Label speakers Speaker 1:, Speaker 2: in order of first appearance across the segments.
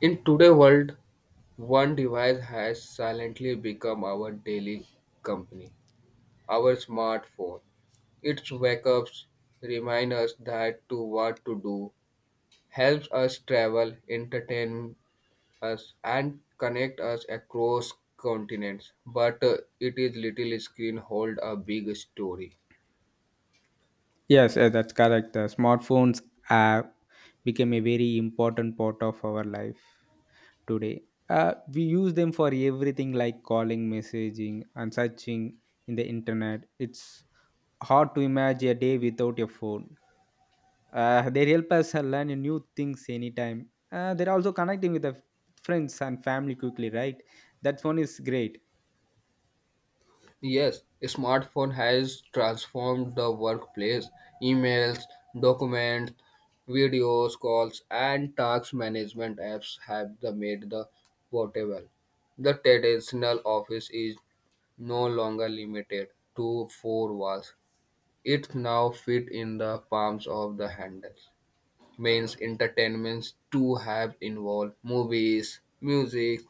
Speaker 1: In today's world, one device has silently become our daily company, our smartphone. Its wake ups remind us that to what to do, helps us travel, entertain us, and connect us across continents. But it is little screen hold a big story.
Speaker 2: Yes, that's correct. The smartphones have become a very important part of our life today. We use them for everything like calling, messaging, and searching in the internet. It's hard to imagine a day without a phone. They help us learn new things anytime. They're also connecting with the friends and family quickly, right? That phone is great.
Speaker 1: Yes, smartphone has transformed the workplace. Emails, documents, videos, calls, and task management apps have the made the portable. The traditional office is no longer limited to four walls. It now fit in the palms of the handles. Means entertainments to have involved movies, music,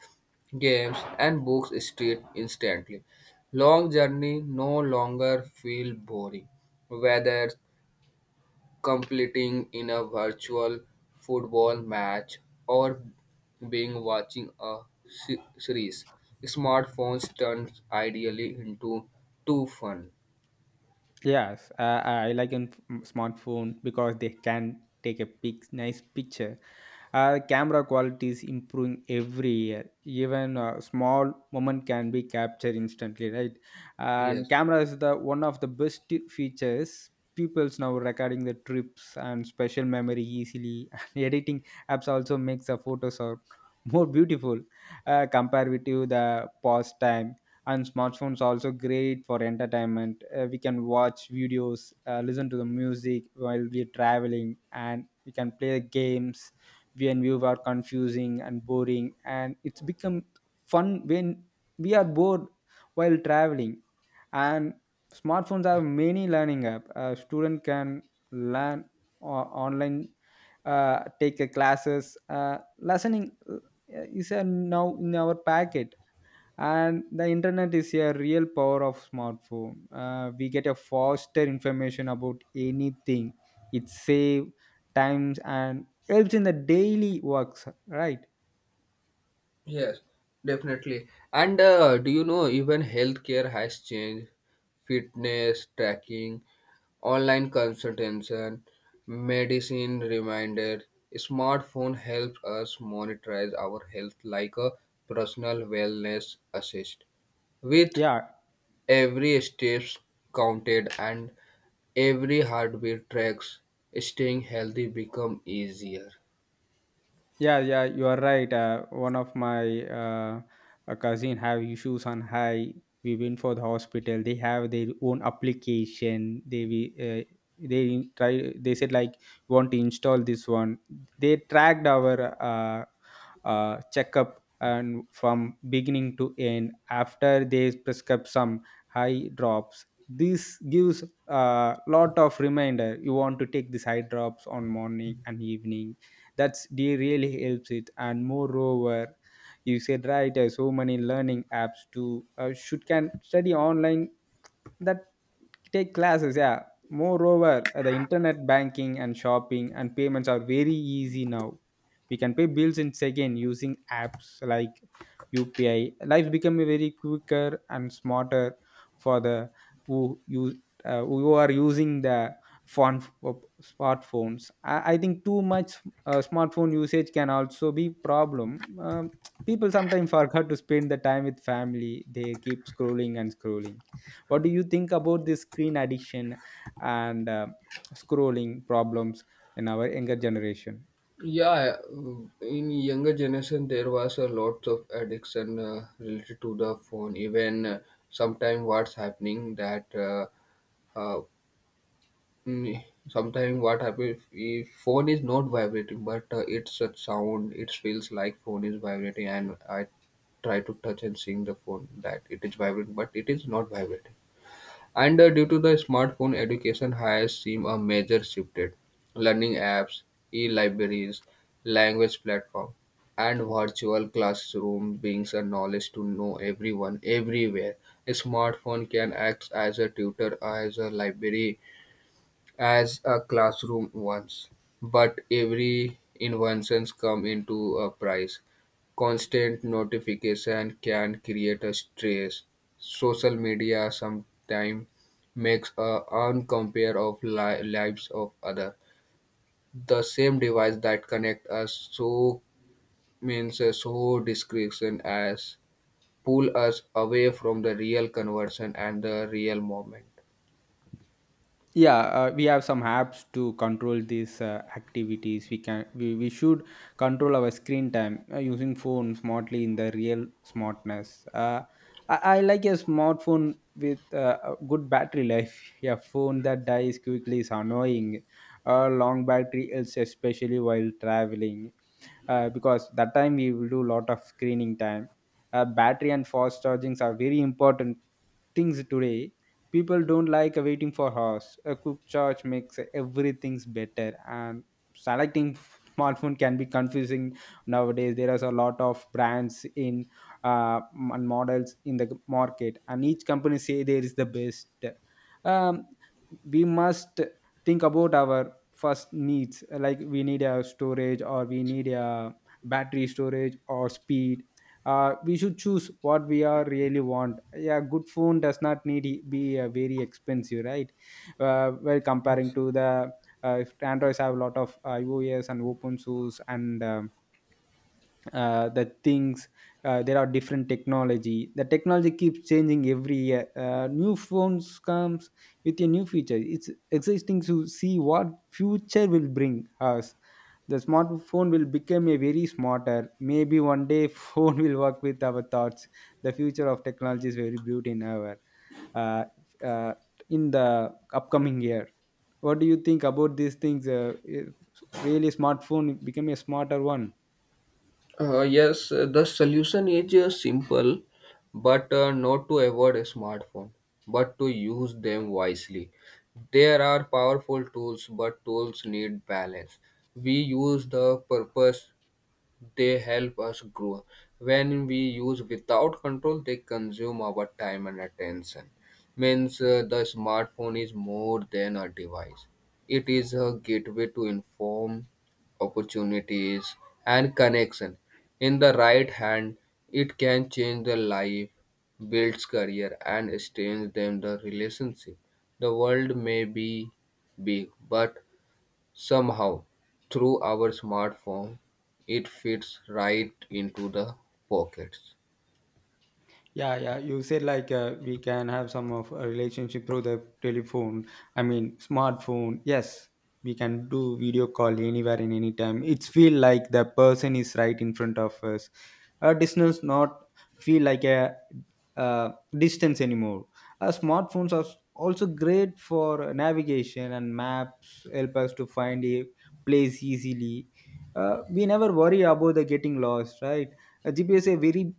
Speaker 1: games, and books street instantly. Long journey no longer feel boring, whether completing in a virtual football match or being watching a series. Smartphones turns ideally into too fun.
Speaker 2: Yes, I like in smartphone because they can take a nice picture. Camera quality is improving every year. Even a small moment can be captured instantly, right? And
Speaker 1: Yes.
Speaker 2: camera is the one of the best features. People's now recording the trips and special memory easily. And editing apps also makes the photos are more beautiful, compared with you the past time. And smartphones are also great for entertainment. We can watch videos, listen to the music while we're traveling, and we can play games when we are confusing and boring, and it's become fun when we are bored while traveling. And smartphones have many learning app. A student can learn online, take a classes, listening, is a now in our packet. And the internet is a real power of smartphone. We get a faster information about anything. It save times and helps in the daily works, right?
Speaker 1: Yes, definitely. And do you know even healthcare has changed? Fitness tracking, online consultation, medicine reminder. Smartphone helps us monitorize our health like a personal wellness assist. With
Speaker 2: Yeah.
Speaker 1: every steps counted and every heartbeat tracks, staying healthy become easier.
Speaker 2: Yeah, yeah, you are right. One of my a cousin have issues on high. We went for the hospital. They have their own application. They we, uh, they try. They said like want to install this one. They tracked our checkup and from beginning to end. After they prescribe some high drops, this gives a lot of reminder. You want to take these high drops on morning and evening. That's they really helps it. And moreover, you said right. So many learning apps too, should can study online, that take classes. Yeah. Moreover, the internet banking and shopping and payments are very easy now. We can pay bills in second using apps like UPI. Life become very quicker and smarter for the who you who are using the phone smartphones. I think too much. Smartphone usage can also be problem. um, People sometimes forget to spend the time with family. They keep scrolling and scrolling. What do you think about this screen addiction and scrolling problems in our younger generation?
Speaker 1: Yeah, in younger generation there was a lot of addiction related to the phone. Even sometime what's happening that uh, uh, mm, sometime what happens if phone is not vibrating, but it's a sound. It feels like phone is vibrating, and I try to touch and seeing the phone that it is vibrating, but it is not vibrating. And due to the smartphone, education has seen a major shifted. Learning apps, e-libraries, language platform, and virtual classroom brings a knowledge to know everyone everywhere. A smartphone can act as a tutor, as a library, as a classroom once, but every inventions come into a price. Constant notification can create a stress. Social media sometimes makes a uncompare of lives of other. The same device that connect us so means a so discretion as pull us away from the real conversion and the real moment.
Speaker 2: Yeah, we have some apps to control these activities. We can we should control our screen time using phone smartly in the real smartness. I like a smartphone with a good battery life. A phone that dies quickly is annoying. A long battery is especially while traveling, because that time we will do lot of screening time. Battery and fast chargings are very important things today. People don't like waiting for hours. A quick charge makes everything's better. And selecting smartphone can be confusing nowadays. There is a lot of brands in uh, and models in the market, and each company say there is the best. um, we must think about our first needs, like we need a storage or we need a battery storage or speed. We should choose what we are really want. Yeah, good phone does not need be very expensive, right? Well, comparing to the if androids have a lot of iOS and open source and the things. There are different technology. The technology keeps changing every year. New phones comes with a new feature. It's existing to see what future will bring us. The smartphone will become a very smarter maybe one day. Phone will work with our thoughts. The future of technology is very bright in our uh, uh, in the upcoming year. What do you think about these things? I- Really smartphone become a smarter one.
Speaker 1: Yes, the solution is simple, but not to avoid a smartphone, but to use them wisely. There are powerful tools, but tools need balance. We use the purpose they help us grow. When we use without control, they consume our time and attention. Means the smartphone is more than a device. It is a gateway to inform opportunities and connection. In the right hand, it can change the life, builds career, and strengthens them the relationship. The world may be big, but somehow, through our smartphone, it fits right into the pockets.
Speaker 2: Yeah, yeah. You said like we can have some of a relationship through the telephone. I mean, smartphone. Yes, we can do video call anywhere and anytime. It's feel like the person is right in front of us. A distance not feel like a, uh distance anymore. Smartphones are also great for navigation and maps. Help us to find a place easily. We never worry about the getting lost, right? GPS is a very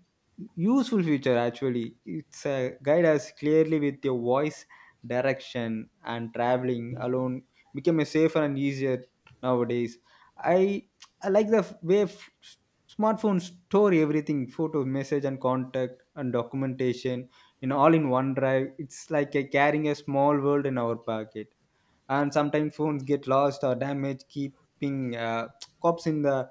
Speaker 2: useful feature actually. It's a guide us clearly with your voice direction, and traveling alone became a safer and easier nowadays. I i like the way smartphones store everything, photo, message and contact and documentation, in all in one drive. It's like a carrying a small world in our pocket. And sometimes phones get lost or damaged. Keeping, cops in the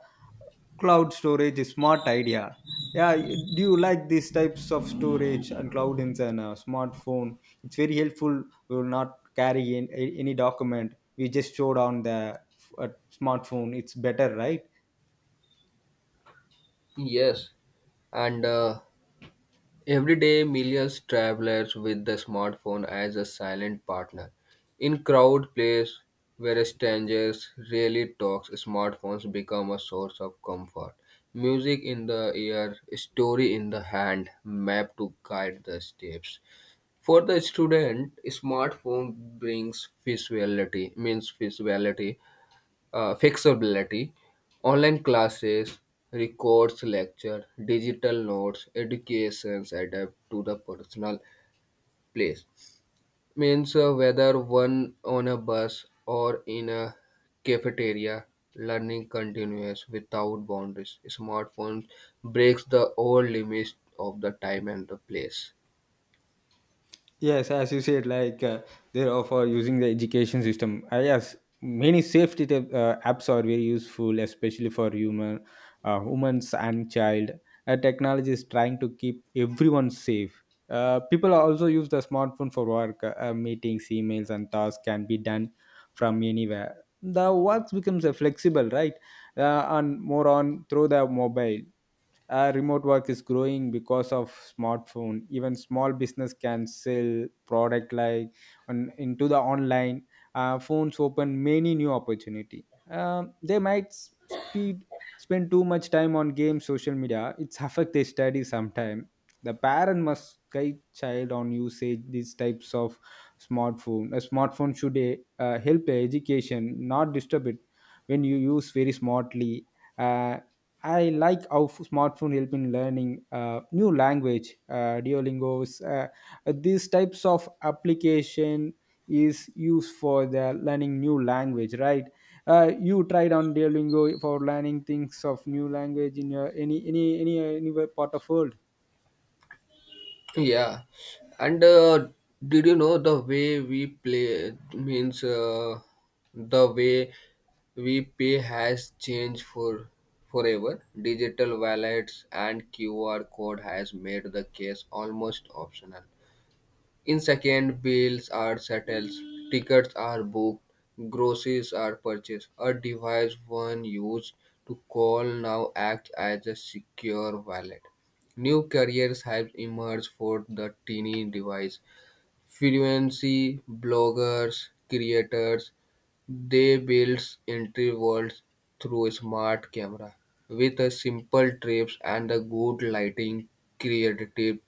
Speaker 2: cloud storage is smart idea. Yeah, do you like these types of storage and cloud in a smartphone? It's very helpful. We will not carry in, any document. We just stored on the uh, smartphone, it's better, right?
Speaker 1: Yes, and every day millions travelers with the smartphone as a silent partner. In crowd place where strangers rarely talks, smartphones become a source of comfort. Music in the ear, story in the hand, map to guide the steps. For the student, smartphone brings visuality, means visuality, flexibility, online classes, records lecture, digital notes, educations adapt to the personal place. Means whether one on a bus or in a cafeteria, learning continues without boundaries. Smartphone breaks the old limits of the time and the place.
Speaker 2: Yes, as you said, like they're all for using the education system. Yes, many safety tip, apps are very useful, especially for human, humans and child. Technology is trying to keep everyone safe. People also use the smartphone for work. Meetings, emails, and tasks can be done from anywhere. The work becomes flexible, right? And more on through the mobile, remote work is growing because of smartphone. Even small business can sell product like on, into the online. Phones open many new opportunity. They might s- speed spend too much time on games, social media. It's affect their study sometime. The parent must guide child on usage these types of smartphone. A smartphone should help the education, not disturb it when you use very smartly. uh, I like how smartphone help in learning new language, Duolingo's. These types of application is used for the learning new language, right? You tried on Duolingo for learning things of new language in your any part of world?
Speaker 1: Yeah, and did you know the way we play means the way we pay has changed for forever. Digital wallets and QR code has made the case almost optional. In second, bills are settled, tickets are booked, groceries are purchased. A device one used to call now acts as a secure wallet. New careers have emerged for the teeny device. Frequency bloggers, creators, they build entry worlds through a smart camera. With a simple trips and a good lighting, creative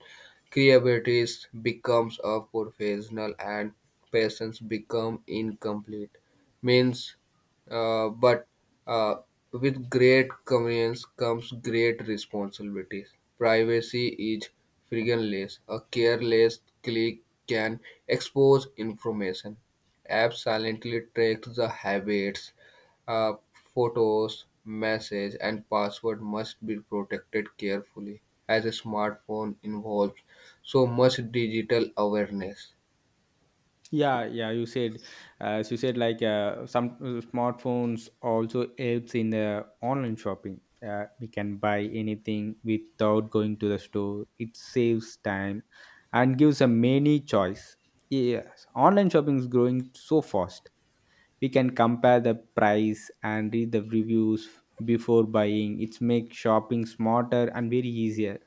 Speaker 1: creativity becomes a professional and passions become incomplete. Means, but uh, with great convenience comes great responsibilities. Privacy is frictionless. A careless click can expose information. Apps silently track the habits. Uh, Photos, messages, and password must be protected carefully, as a smartphone involves so much digital awareness.
Speaker 2: Yeah, yeah, you said like some smartphones also helps in the online shopping. We can buy anything without going to the store. It saves time and gives a many choice. Yes, online shopping is growing so fast. We can compare the price and read the reviews before buying. It's make shopping smarter and very easier.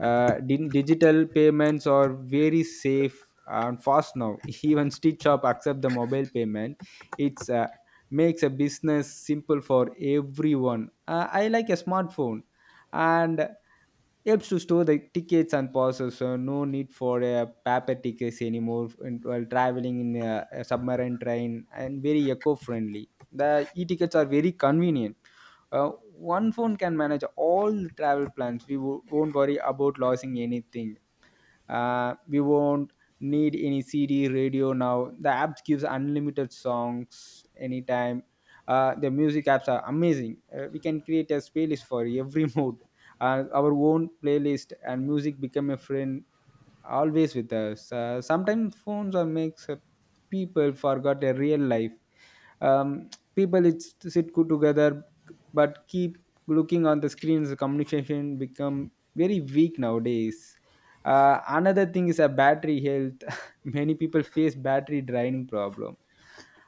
Speaker 2: Digital payments are very safe and fast now. Even stitch shop accept the mobile payment. It's makes a business simple for everyone. I like a smartphone, and helps to store the tickets and passes, so no need for paper tickets anymore. While traveling in a submarine train, and very eco-friendly, the e-tickets are very convenient. uh, One phone can manage all the travel plans. We won't worry about losing anything. We won't need any CD radio now. The app gives unlimited songs anytime. The music apps are amazing. We can create a playlist for every mood. Our own playlist and music become a friend always with us. Sometimes phones are makes people forgot their real life. Um, People it's, sit good together, but keep looking on the screens. Communication become very weak nowadays. Another thing is a battery health. Many people face battery draining problem.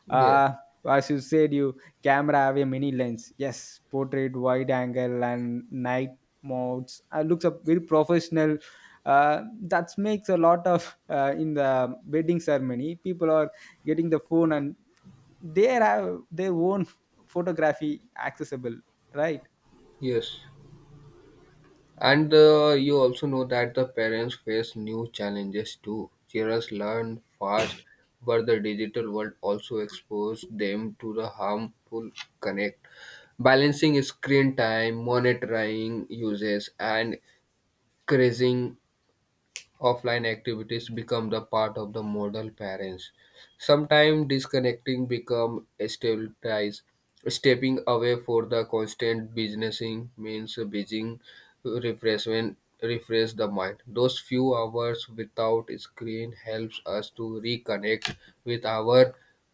Speaker 1: Yes,
Speaker 2: Uh, as you said, you camera have a mini lens. Yes, portrait, wide angle, and night modes. Looks up very professional. That makes a lot of in the wedding ceremony, people are getting the phone and they have their own photography accessible, right?
Speaker 1: yes. And you also know that the parents face new challenges too. Children learn fast, but the digital world also exposes them to the harmful connect. Balancing screen time, monitoring uses, and increasing offline activities become the part of the model parents. Sometimes disconnecting become stabilized. Stepping away for the constant businessing means busy refreshment refresh the mind. Those few hours without screen helps us to reconnect with our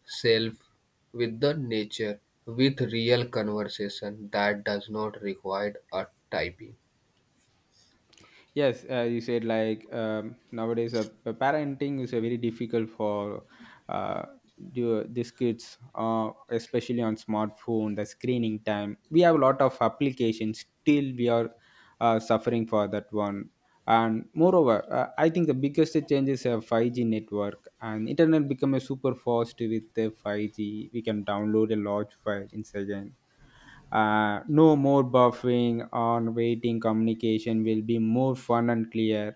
Speaker 1: self, with the nature, with real conversation that does not require a typing.
Speaker 2: Yes, you said like nowadays parenting is a very difficult for uh, do, these kids, especially on smartphone, the screening time. We have a lot of applications. Still, we are suffering for that one. And moreover, I think the biggest change is a 5G network and internet become a super fast with the 5G. We can download a large file in second. No more buffering or waiting. Communication will be more fun and clear.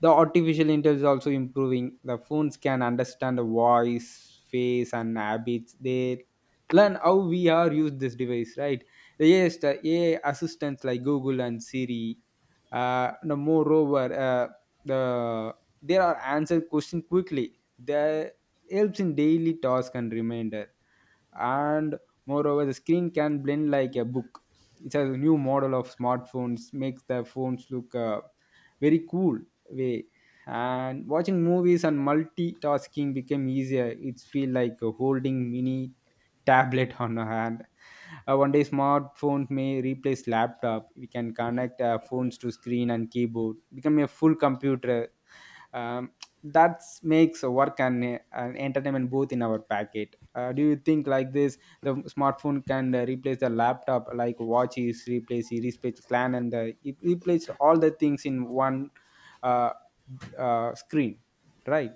Speaker 2: The artificial intelligence is also improving. The phones can understand the voice, face, and habits. They learn how we are use this device, right? Yes, the AI assistants like Google and Siri. No, moreover, the there are answer question quickly. They helps in daily task and reminder, and moreover the screen can blend like a book. It's a new model of smartphones, makes the phones look very cool way, and watching movies and multitasking became easier. It's feel like holding mini tablet on a hand. One day smartphones may replace laptop. We can connect phones to screen and keyboard, become a full computer. um, that makes a work and entertainment both in our packet. Do you think like this, the smartphone can replace the laptop, like watch is replace clan and it replace all the things in one uh, screen, right?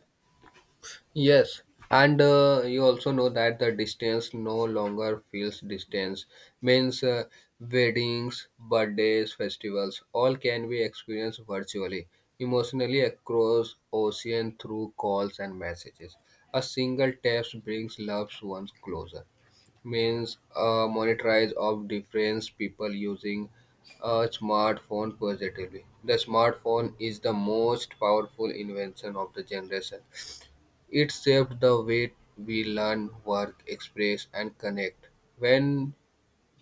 Speaker 1: Yes, and you also know that the distance no longer feels distance. Means weddings, birthdays, festivals, all can be experienced virtually, emotionally across ocean through calls and messages. A single text brings loved ones closer. Means monetize of different people using a smartphone positively. The smartphone is the most powerful invention of the generation. It shaped the way we learn, work, express, and connect. When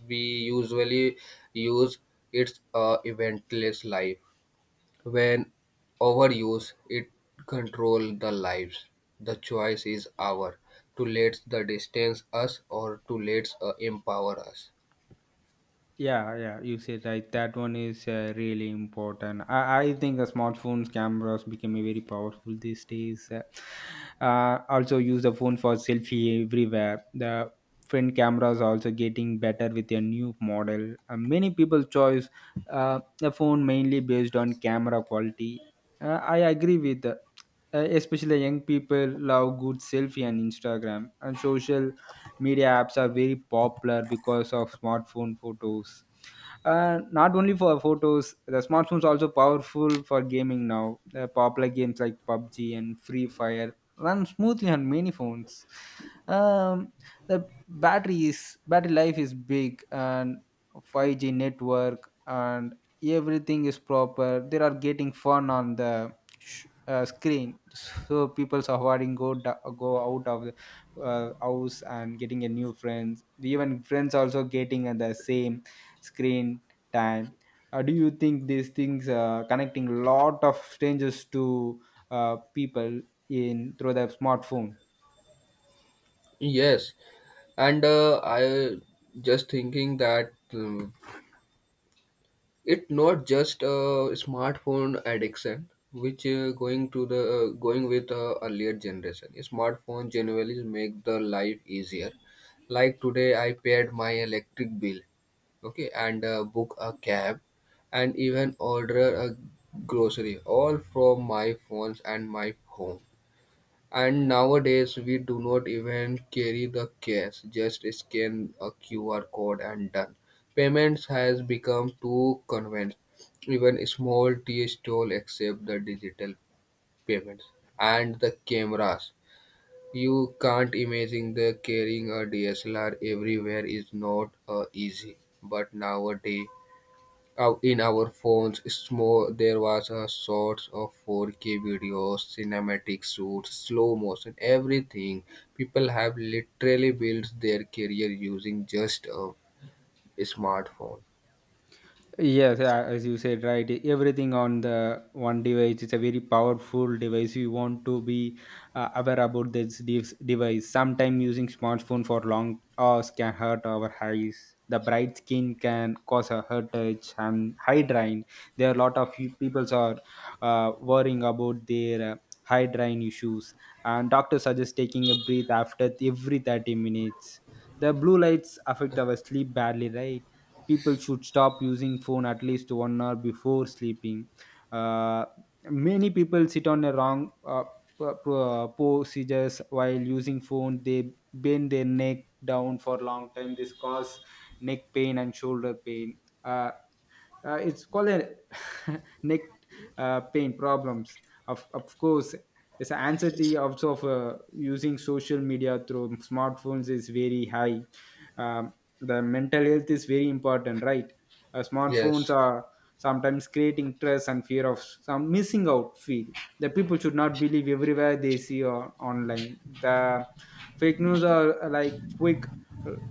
Speaker 1: we usually use it's a eventless life. When overuse, it control the lives. The choice is ours to let the distance us or to let empower us.
Speaker 2: Yeah, yeah, you said right. That one is really important. I think the smartphones cameras become a very powerful these days. Also, use the phone for selfie everywhere. The front cameras are also getting better with a new model. Many people choose the phone mainly based on camera quality. I agree with, especially young people love good selfie on Instagram, and social media apps are very popular because of smartphone photos. Not only for photos, the smartphones also powerful for gaming now. Popular games like pubg and free fire run smoothly on many phones. um, the battery is battery life is big, and 5G network and everything is proper. They are getting fun on the screen, so people are avoiding go go out of the house and getting a new friends. Even friends also getting at the same screen time. Do you think these things connecting lot of strangers to people in through the smartphone?
Speaker 1: Yes, and I just thinking that it not just a smartphone addiction, which going to the going with earlier generation. Smartphone generally make the life easier. Like today, I paid my electric bill, okay, and book a cab, and even order a grocery all from my phones and my home. And nowadays, we do not even carry the cash, just scan a QR code and done. Payments has become too convenient. Even small tea stall accept the digital payments and the cameras. You can't imagine the carrying a DSLR everywhere is not easy. But nowadays, out in our phones, small, there was a sorts of 4K videos, cinematic shoots, slow motion, everything. People have literally built their career using just a smartphone.
Speaker 2: Yes, as you said, right. Everything on the one device is a very powerful device. You want to be aware about this device. Sometimes using smartphone for long hours can hurt our eyes. The bright skin can cause a hurtage and eye drain. There are a lot of people are worrying about their eye drain issues, and doctors suggest taking a breath after every 30 minutes. The blue lights affect our sleep badly, right? People should stop using phone at least 1 hour before sleeping. uh, Many people sit on a wrong procedures while using phone. They bend their neck down for long time. This cause neck pain and shoulder pain. uh, it's called a neck pain problems, of course. This anxiety also of using social media through smartphones is very high. um, the mental health is very important, right? Smartphones
Speaker 1: Yes,
Speaker 2: are sometimes creating stress and fear of some missing out feel. The people should not believe everywhere they see on, online. The fake news are like quick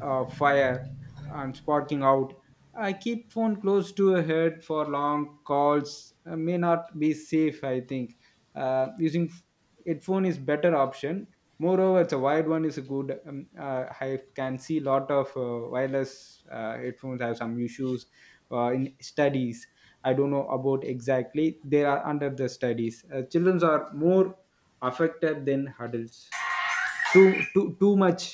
Speaker 2: fire and sparking out. I keep phone close to a head for long calls. May not be safe. I think uh, using f- headphone is better option. Moreover, it's a wide one is a good. I can see lot of wireless headphones have some issues in studies. I don't know about exactly. They are under the studies. Children are more affected than adults. Too much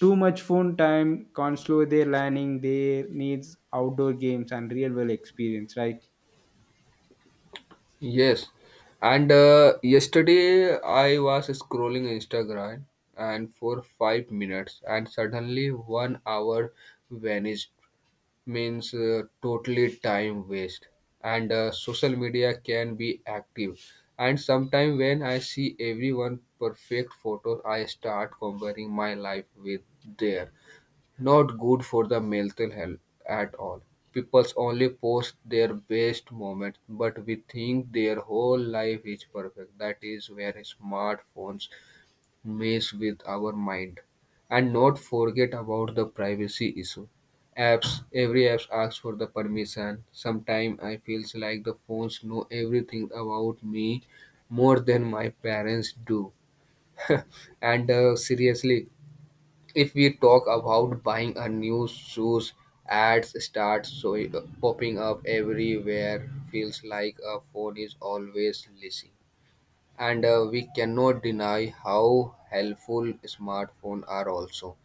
Speaker 2: phone time can slow their learning. They needs outdoor games and real world experience, right?
Speaker 1: yes. And yesterday I was scrolling Instagram and for 5 minutes, and suddenly one hour vanished. Means totally time waste and social media can be active, and sometimes when I see everyone perfect photos, I start comparing my life with their. Not good for the mental health at all. People only post their best moments, but we think their whole life is perfect. That is where smartphones mess with our mind. And not forget about the privacy issue. Apps Every app asks for the permission. Sometimes I feels like the phones know everything about me, more than my parents do. And seriously, if we talk about buying a new shoes, ads start so popping up everywhere, feels like a phone is always listening. And we cannot deny how helpful smartphones are also.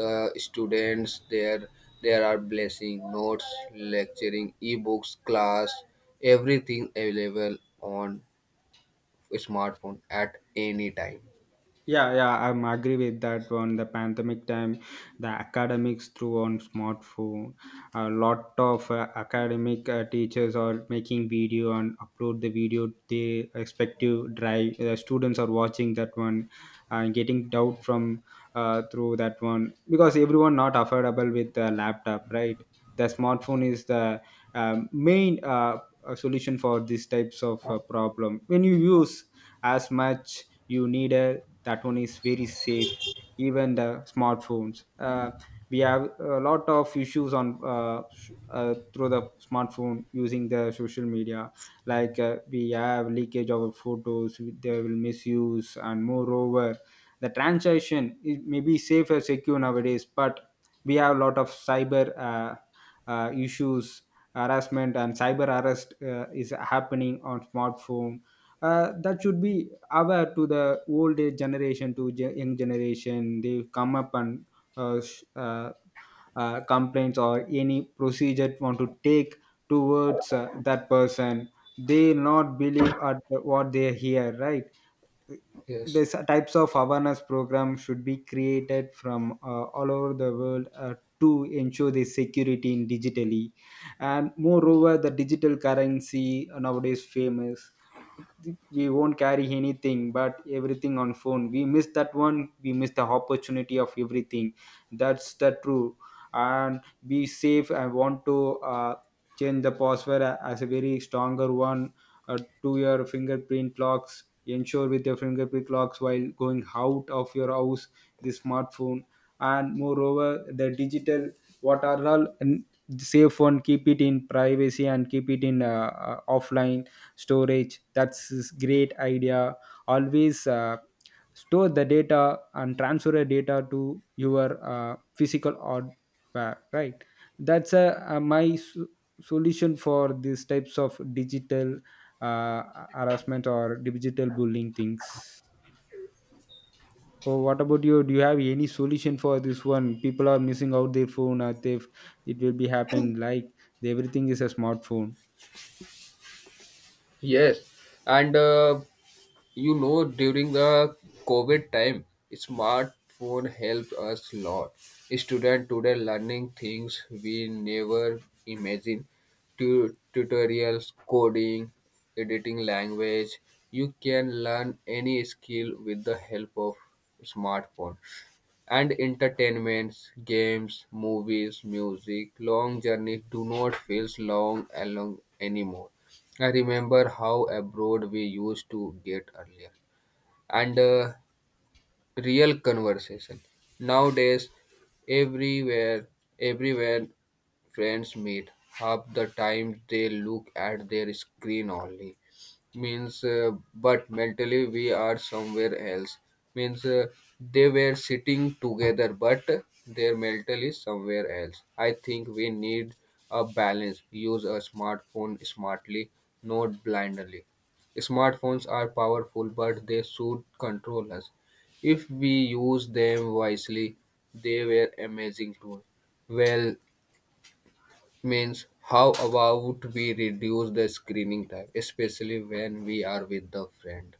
Speaker 1: The students, there are blessing notes, lecturing ebooks, class, everything available on smartphone at any time.
Speaker 2: Yeah, yeah, I'm agree with that one. The pandemic time, the academics through on smartphone. A lot of academic teachers are making video and upload the video. They respective drive, students are watching that one and getting doubt from through that one, because everyone not affordable with the laptop, right? The smartphone is the main solution for these types of problem. When you use as much you need a, that one is very safe. Even the smartphones, we have a lot of issues on through the smartphone using the social media, like we have leakage of our photos. They will misuse. And moreover, the transaction is maybe safe and secure nowadays, but we have a lot of cyber issues. Harassment and cyber arrest is happening on smartphone. That should be aware to the old age generation to young generation. They come up and uh, sh- uh, complaints or any procedure want to take towards that person. They not believe at what they hear, right?
Speaker 1: Yes,
Speaker 2: These types of awareness program should be created from all over the world to ensure the security in digitally. And moreover, the digital currency nowadays famous. We won't carry anything but everything on phone. We miss that one. We miss the opportunity of everything. That's the true. And be safe, I want to uh, change the password as a very stronger one, uh, to your fingerprint locks. Ensure with your fingerprint locks while going out of your house, the smartphone. And moreover, the digital, what are all safe one, keep it in privacy and keep it in offline storage. That's is great idea. Always store the data and transfer the data to your physical hardware, right? That's a my solution for these types of digital uh, harassment or digital bullying things. So what about you, do you have any solution for this one? People are missing out their phone, or they, it will be happen like everything is a smartphone.
Speaker 1: yes. And you know, during the COVID time, smartphone helped us a lot. Students today learning things we never imagined. Tutorials, coding, editing language. You can learn any skill with the help of smartphone, and entertainments, games, movies, music, long journeys do not feel long along anymore. I remember how abroad we used to get earlier, and real conversation. Nowadays, everywhere, everywhere friends meet, half the time they look at their screen only. Means, but mentally we are somewhere else. Means they were sitting together, but their mental is somewhere else. I think we need a balance. Use a smartphone smartly, not blindly. Smartphones are powerful, but they should control us. If we use them wisely, they were amazing tools. Well, means how about we reduce the screening time, especially when we are with the friend?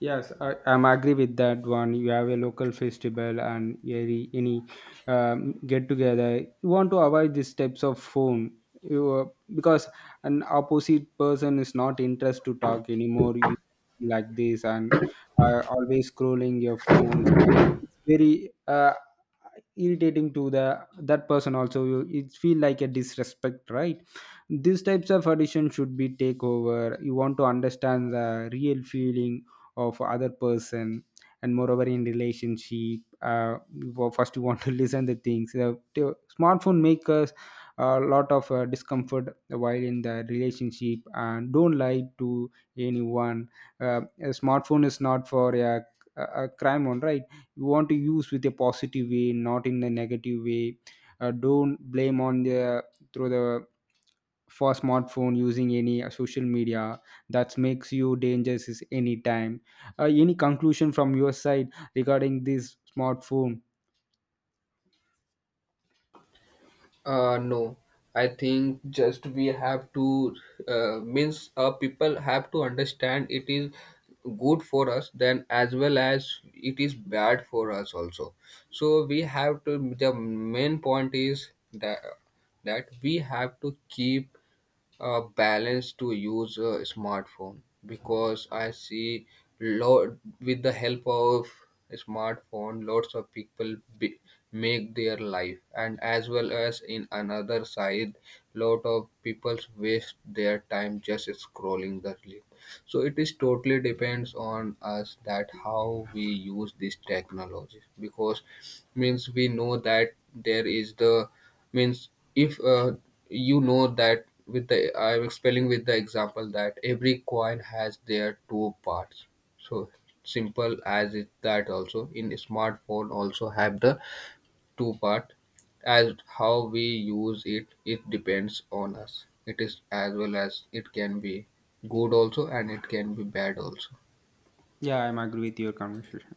Speaker 2: Yes, I'm agree with that one. You have a local festival and any get together, you want to avoid these types of phone. You Because an opposite person is not interest to talk anymore. We like this, and always scrolling your phones. It's very irritating to the that person also. You, it feel like a disrespect, right? These types of audition should be take over. You want to understand the real feeling of other person. And moreover in relationship, first you want to listen the things. The smartphone make us a lot of discomfort while in the relationship. And don't lie to anyone. A smartphone is not for a crime on, right? You want to use with a positive way, not in a negative way. Don't blame on the through the for smartphone using any social media that makes you dangerous is any time. Any conclusion from your side regarding this smartphone?
Speaker 1: No, I think just we have to means people have to understand it is good for us then as well as it is bad for us also. So we have to the main point is that that we have to keep balance to use a smartphone, because I see lot with the help of smartphone, lots of people be, make their life, and as well as in another side, lot of people waste their time just scrolling the. So it is totally depends on us that how we use this technology, because means we know that there is the means if you know that with the I'm explaining with the example that every coin has their two parts. So simple as it that also in smartphone also have the two part. As how we use it, it depends on us. It is as well as it can be good also, and it can be bad also.
Speaker 2: Yeah, I'm agree with your conversation.